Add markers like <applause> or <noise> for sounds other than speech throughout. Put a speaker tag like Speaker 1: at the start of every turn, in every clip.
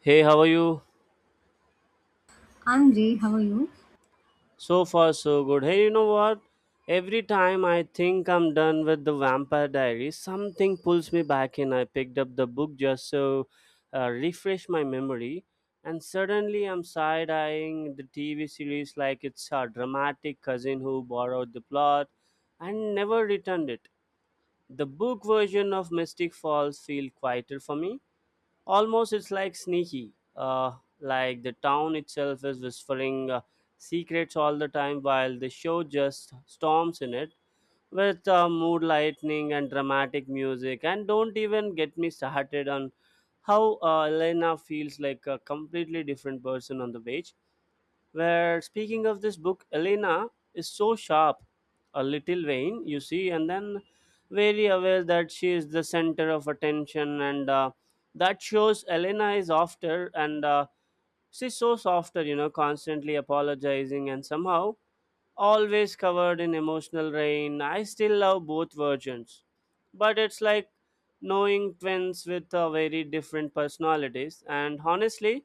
Speaker 1: Hey, how are you?
Speaker 2: I'm great, how are you?
Speaker 1: So far, so good. Hey, you know what? Every time I think I'm done with the Vampire Diaries, something pulls me back in. I picked up the book just so refresh my memory, and suddenly I'm side eyeing the TV series like it's a dramatic cousin who borrowed the plot and never returned it. The book version of Mystic Falls feel quieter for me. Almost it's like sneaky, like the town itself is whispering secrets all the time, while the show just storms in it with mood lightning and dramatic music. And don't even get me started on how Elena feels like a completely different person on the page. Where speaking of this book, Elena is so sharp, a little vain, you see, and then very aware that she is the center of attention, and that shows Elena is after and she's so softer, constantly apologizing and somehow always covered in emotional rain. I still love both versions, but it's like knowing twins with very different personalities. And honestly,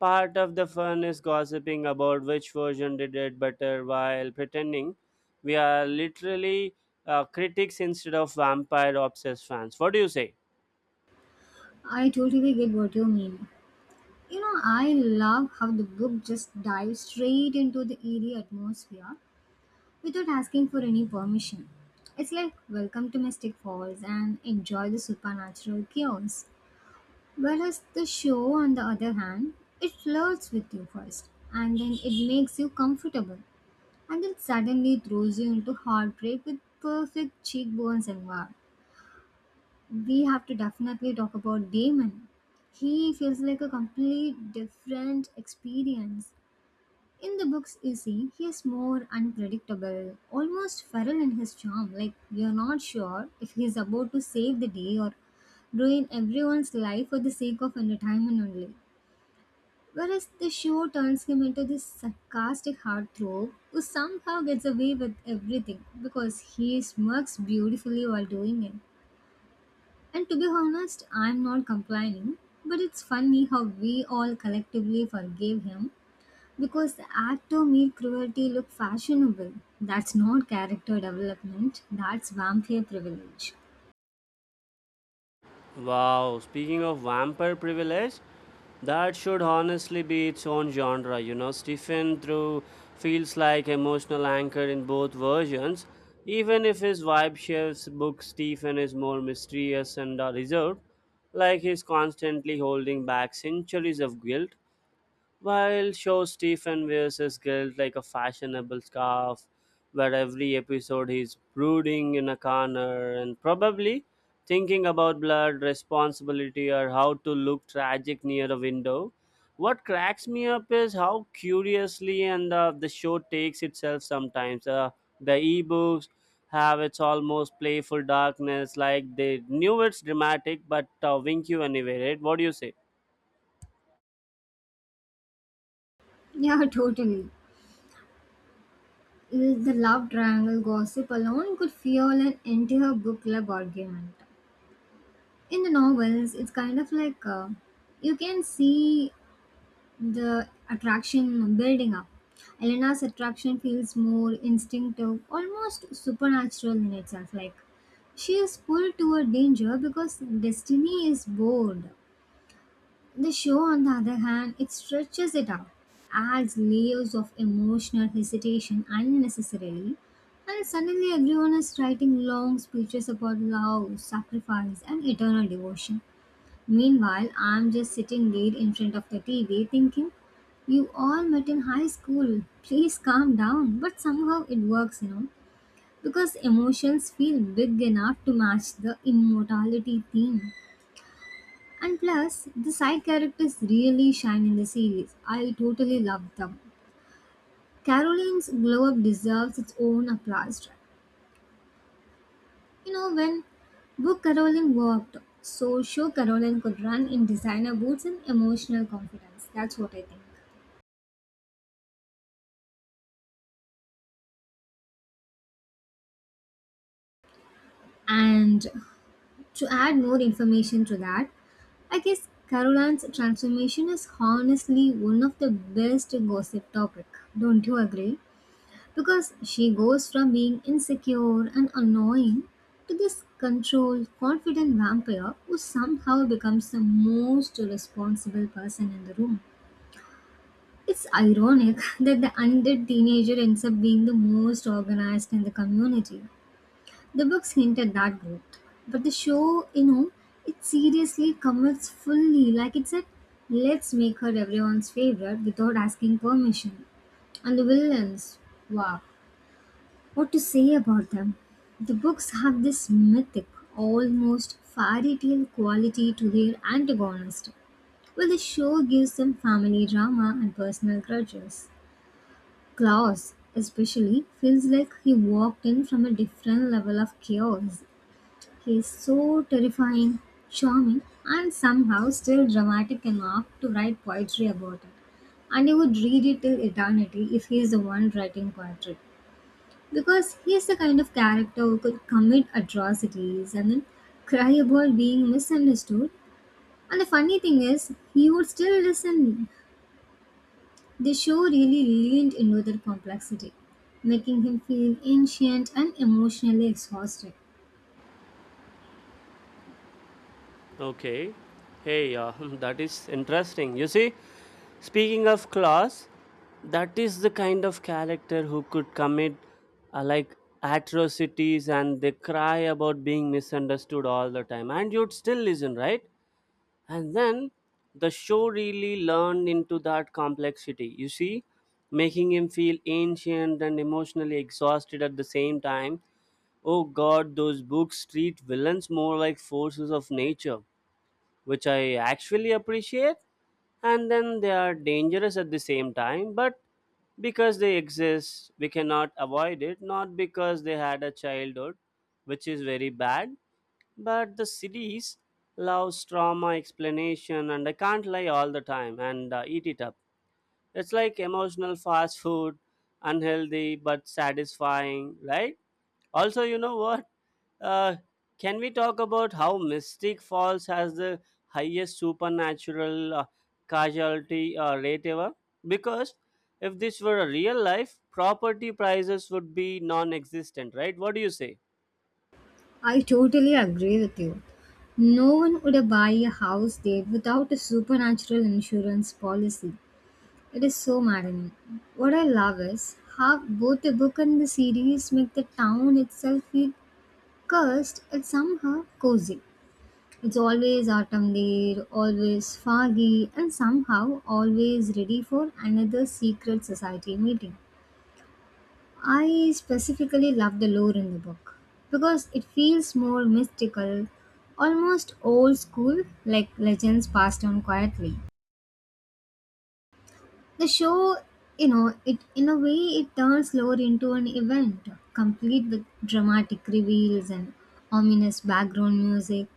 Speaker 1: part of the fun is gossiping about which version did it better while pretending we are literally critics instead of vampire obsessed fans. What do you say?
Speaker 2: I totally get what you mean. You know, I love how the book just dives straight into the eerie atmosphere without asking for any permission. It's like, welcome to Mystic Falls and enjoy the supernatural chaos. Whereas the show, on the other hand, it flirts with you first and then it makes you comfortable and then suddenly throws you into heartbreak with perfect cheekbones and war. We have to definitely talk about Damon. He feels like a complete different experience. In the books, you see, he is more unpredictable, almost feral in his charm. Like, you're not sure if he's about to save the day or ruin everyone's life for the sake of entertainment only. Whereas the show turns him into this sarcastic heartthrob who somehow gets away with everything because he smirks beautifully while doing it. And to be honest, I'm not complaining, but it's funny how we all collectively forgave him because the act of mere cruelty looked fashionable. That's not character development, that's vampire privilege.
Speaker 1: Wow, speaking of vampire privilege, that should honestly be its own genre. You know, Stephen through feels like emotional anchor in both versions. Even if his vibe shifts, book Stephen is more mysterious and reserved, like he's constantly holding back centuries of guilt. While show Stephen wears his guilt like a fashionable scarf, where every episode he's brooding in a corner and probably thinking about blood, responsibility, or how to look tragic near a window. What cracks me up is how curiously and the show takes itself sometimes. The ebooks have its almost playful darkness, like they knew it's dramatic, but wink you anyway, right? What do you say?
Speaker 2: Yeah, <laughs> totally. The love triangle gossip alone could fuel an entire book club argument. In the novels, it's kind of like you can see the attraction building up. Elena's attraction feels more instinctive, almost supernatural in itself. Like she is pulled toward danger because destiny is bored. The show, on the other hand, it stretches it out, adds layers of emotional hesitation unnecessarily, and suddenly everyone is writing long speeches about love, sacrifice, and eternal devotion. Meanwhile, I'm just sitting there in front of the TV thinking, you all met in high school, please calm down. But somehow it works, you know, because emotions feel big enough to match the immortality theme. And plus, the side characters really shine in the series. I totally love them. Caroline's glow up deserves its own applause track. You know, when Book Caroline worked, so show Caroline could run in designer boots and emotional confidence. That's what I think. And to add more information to that, I guess Caroline's transformation is honestly one of the best gossip topic. Don't you agree? Because she goes from being insecure and annoying to this controlled, confident vampire who somehow becomes the most responsible person in the room. It's ironic <laughs> that the undead teenager ends up being the most organized in the community. The books hint at that growth, but the show, you know, it seriously commits fully. Like it said, let's make her everyone's favorite without asking permission. And the villains, wow, what to say about them? The books have this mythic, almost fairy tale quality to their antagonist, while the show gives them family drama and personal grudges. Klaus, especially, feels like he walked in from a different level of chaos. He's so terrifying, charming, and somehow still dramatic enough to write poetry about it. And he would read it till eternity if he is the one writing poetry. Because he is the kind of character who could commit atrocities and then cry about being misunderstood. And the funny thing is, he would still listen. The show really leaned into their complexity, making him feel ancient and emotionally exhausted.
Speaker 1: Okay. Hey, <laughs> that is interesting. You see, speaking of class, that is the kind of character who could commit like atrocities and they cry about being misunderstood all the time, and you'd still listen, right? And then the show really learned into that complexity. You see, making him feel ancient and emotionally exhausted at the same time. Oh God, those books treat villains more like forces of nature, which I actually appreciate, and then they are dangerous at the same time, but because they exist, we cannot avoid it, not because they had a childhood, which is very bad, but the series loves trauma explanation, and I can't lie all the time and eat it up. It's like emotional fast food, unhealthy but satisfying, right? Also, you know what? Uh, can we talk about how Mystic Falls has the highest supernatural casualty rate ever? Because if this were a real life, property prices would be non existent, right? What do you say?
Speaker 2: I totally agree with you. No one would buy a house there without a supernatural insurance policy. It is so maddening. What I love is how both the book and the series make the town itself feel cursed and somehow cozy. It's always autumn there, always foggy, and somehow always ready for another secret society meeting. I specifically love the lore in the book because it feels more mystical, almost old school, like legends passed on quietly. The show, you know, it in a way it turns lore into an event, complete with dramatic reveals and ominous background music.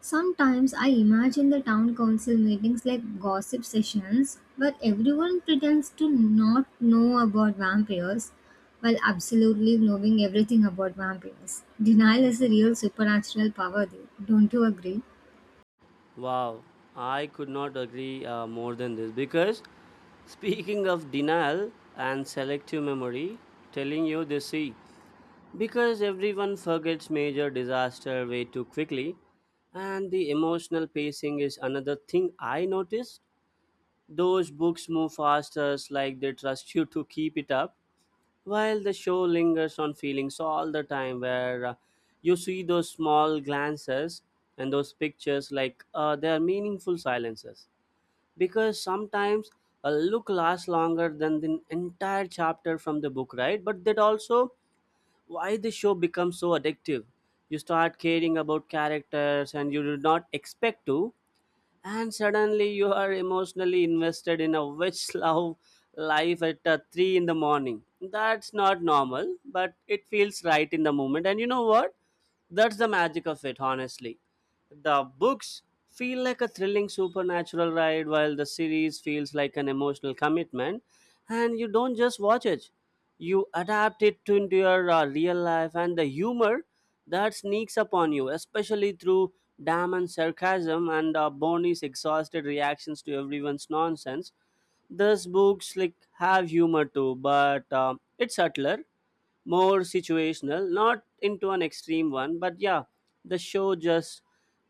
Speaker 2: Sometimes I imagine the town council meetings like gossip sessions where everyone pretends to not know about vampires while absolutely knowing everything about vampires. Denial is a real supernatural power there. Don't you agree?
Speaker 1: Wow, I could not agree more than this, because speaking of denial and selective memory, telling you this see. Because everyone forgets major disaster way too quickly, and the emotional pacing is another thing I noticed. Those books move faster, like they trust you to keep it up, while the show lingers on feelings all the time, where you see those small glances and those pictures like they are meaningful silences. Because sometimes a look lasts longer than the entire chapter from the book, right? But that also why the show becomes so addictive. You start caring about characters and you do not expect to, and suddenly you are emotionally invested in a witch <laughs> love life at 3 in the morning. That's not normal, but it feels right in the moment. And you know what? That's the magic of it, honestly. The books feel like a thrilling supernatural ride, while the series feels like an emotional commitment. And you don't just watch it, you adapt it to into your real life, and the humor that sneaks upon you, especially through Damon's sarcasm and Bonnie's exhausted reactions to everyone's nonsense. These books like have humor too, but it's subtler, more situational, not into an extreme one, but yeah, the show just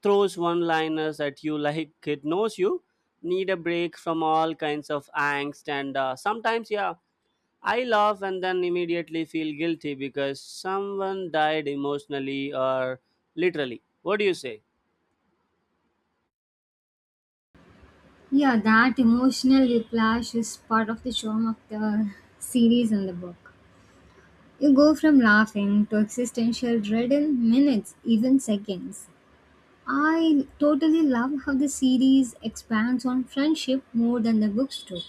Speaker 1: throws one liners at you like it knows you need a break from all kinds of angst and sometimes yeah I laugh and then immediately feel guilty because someone died emotionally or literally. What do you say?
Speaker 2: Yeah, that emotional whiplash is part of the charm of the series and the book. You go from laughing to existential dread in minutes, even seconds. I totally love how the series expands on friendship more than the books do.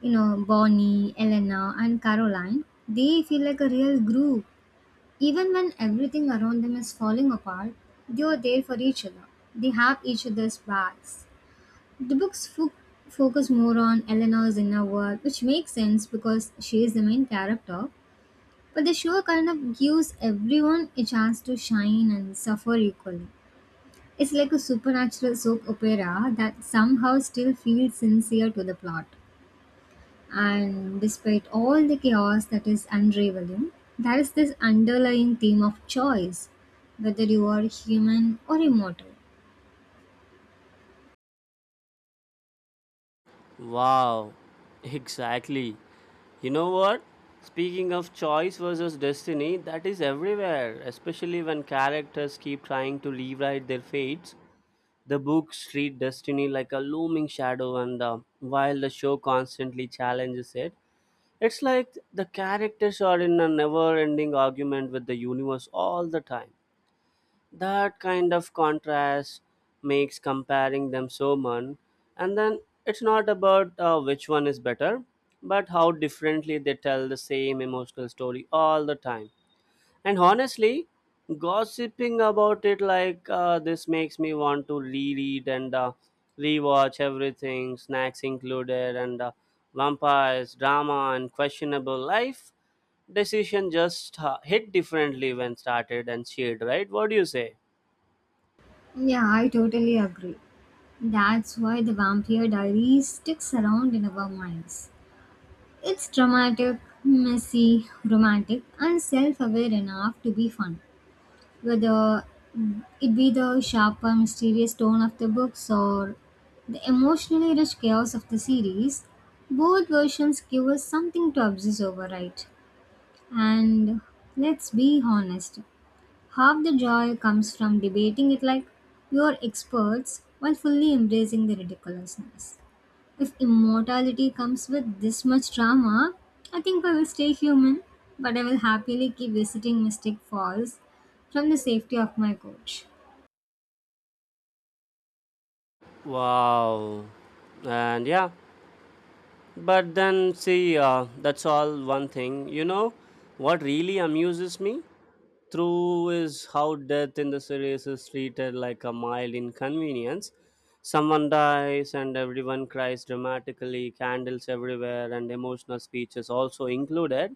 Speaker 2: You know, Bonnie, Elena, and Caroline, they feel like a real group. Even when everything around them is falling apart, they are there for each other. They have each other's backs. The books focus more on Eleanor's inner world, which makes sense because she is the main character. But the show kind of gives everyone a chance to shine and suffer equally. It's like a supernatural soap opera that somehow still feels sincere to the plot. And despite all the chaos that is unraveling, there is this underlying theme of choice, whether you are human or immortal.
Speaker 1: Wow, exactly. You know what? Speaking of choice versus destiny, that is everywhere, especially when characters keep trying to rewrite their fates. The books treat destiny like a looming shadow, and while the show constantly challenges it, it's like the characters are in a never ending argument with the universe all the time. That kind of contrast makes comparing them so much, and then it's not about which one is better, but how differently they tell the same emotional story all the time. And honestly, gossiping about it like this makes me want to reread and rewatch everything, snacks included, and vampires drama and questionable life decision just hit differently when started and shared, right? What do you say?
Speaker 2: Yeah, I totally agree. That's why the Vampire Diaries sticks around in our minds. It's dramatic, messy, romantic, and self aware enough to be fun. Whether it be the sharper, mysterious tone of the books or the emotionally rich chaos of the series, both versions give us something to obsess over, right? And let's be honest, half the joy comes from debating it like you're experts while fully embracing the ridiculousness. If immortality comes with this much drama, I think I will stay human, but I will happily keep visiting Mystic Falls from the safety of my couch.
Speaker 1: Wow. And yeah, but then see, that's all one thing. You know, what really amuses me through is how death in the series is treated like a mild inconvenience. Someone dies and everyone cries dramatically, candles everywhere, and emotional speeches also included.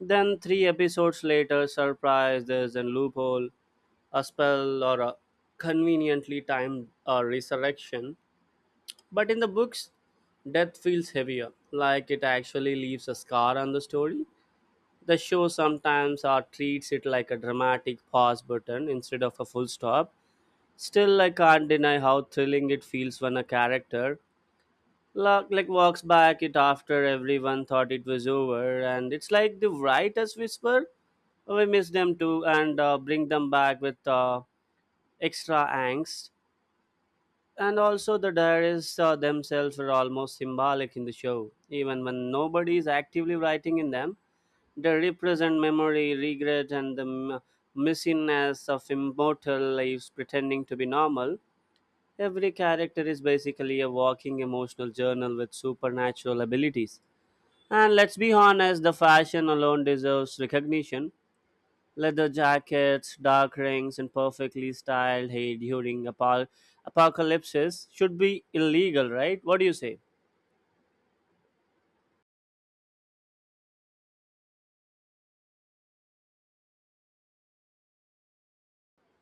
Speaker 1: Then, three episodes later, surprise, there's a loophole, a spell, or a conveniently timed resurrection. But in the books, death feels heavier, like it actually leaves a scar on the story. The show sometimes treats it like a dramatic pause button instead of a full stop. Still, I can't deny how thrilling it feels when a character like walks back it after everyone thought it was over, and it's like the writers whisper, "We miss them too," and bring them back with extra angst. And also, the diaries themselves are almost symbolic in the show. Even when nobody is actively writing in them, they represent memory, regret, and the messiness of immortal lives pretending to be normal. Every character is basically a walking emotional journal with supernatural abilities. And let's be honest, the fashion alone deserves recognition. Leather jackets, dark rings, and perfectly styled hair during apocalypses should be illegal, right? What do you say?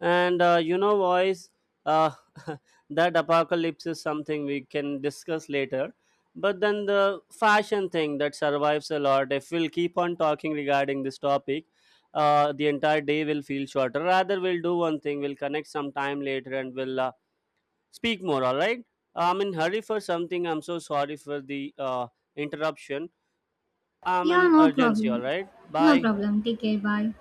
Speaker 1: And you know, boys, uh, <laughs> that apocalypse is something we can discuss later. But then the fashion thing that survives a lot, if we'll keep on talking regarding this topic, the entire day will feel shorter. Rather, we'll do one thing, we'll connect some time later and we'll speak more, all right? I'm in hurry for something. I'm so sorry for the interruption. I'm
Speaker 2: Yeah,
Speaker 1: in
Speaker 2: no
Speaker 1: urgency,
Speaker 2: problem.
Speaker 1: all right?
Speaker 2: No
Speaker 1: Bye.
Speaker 2: problem. Take care. Bye.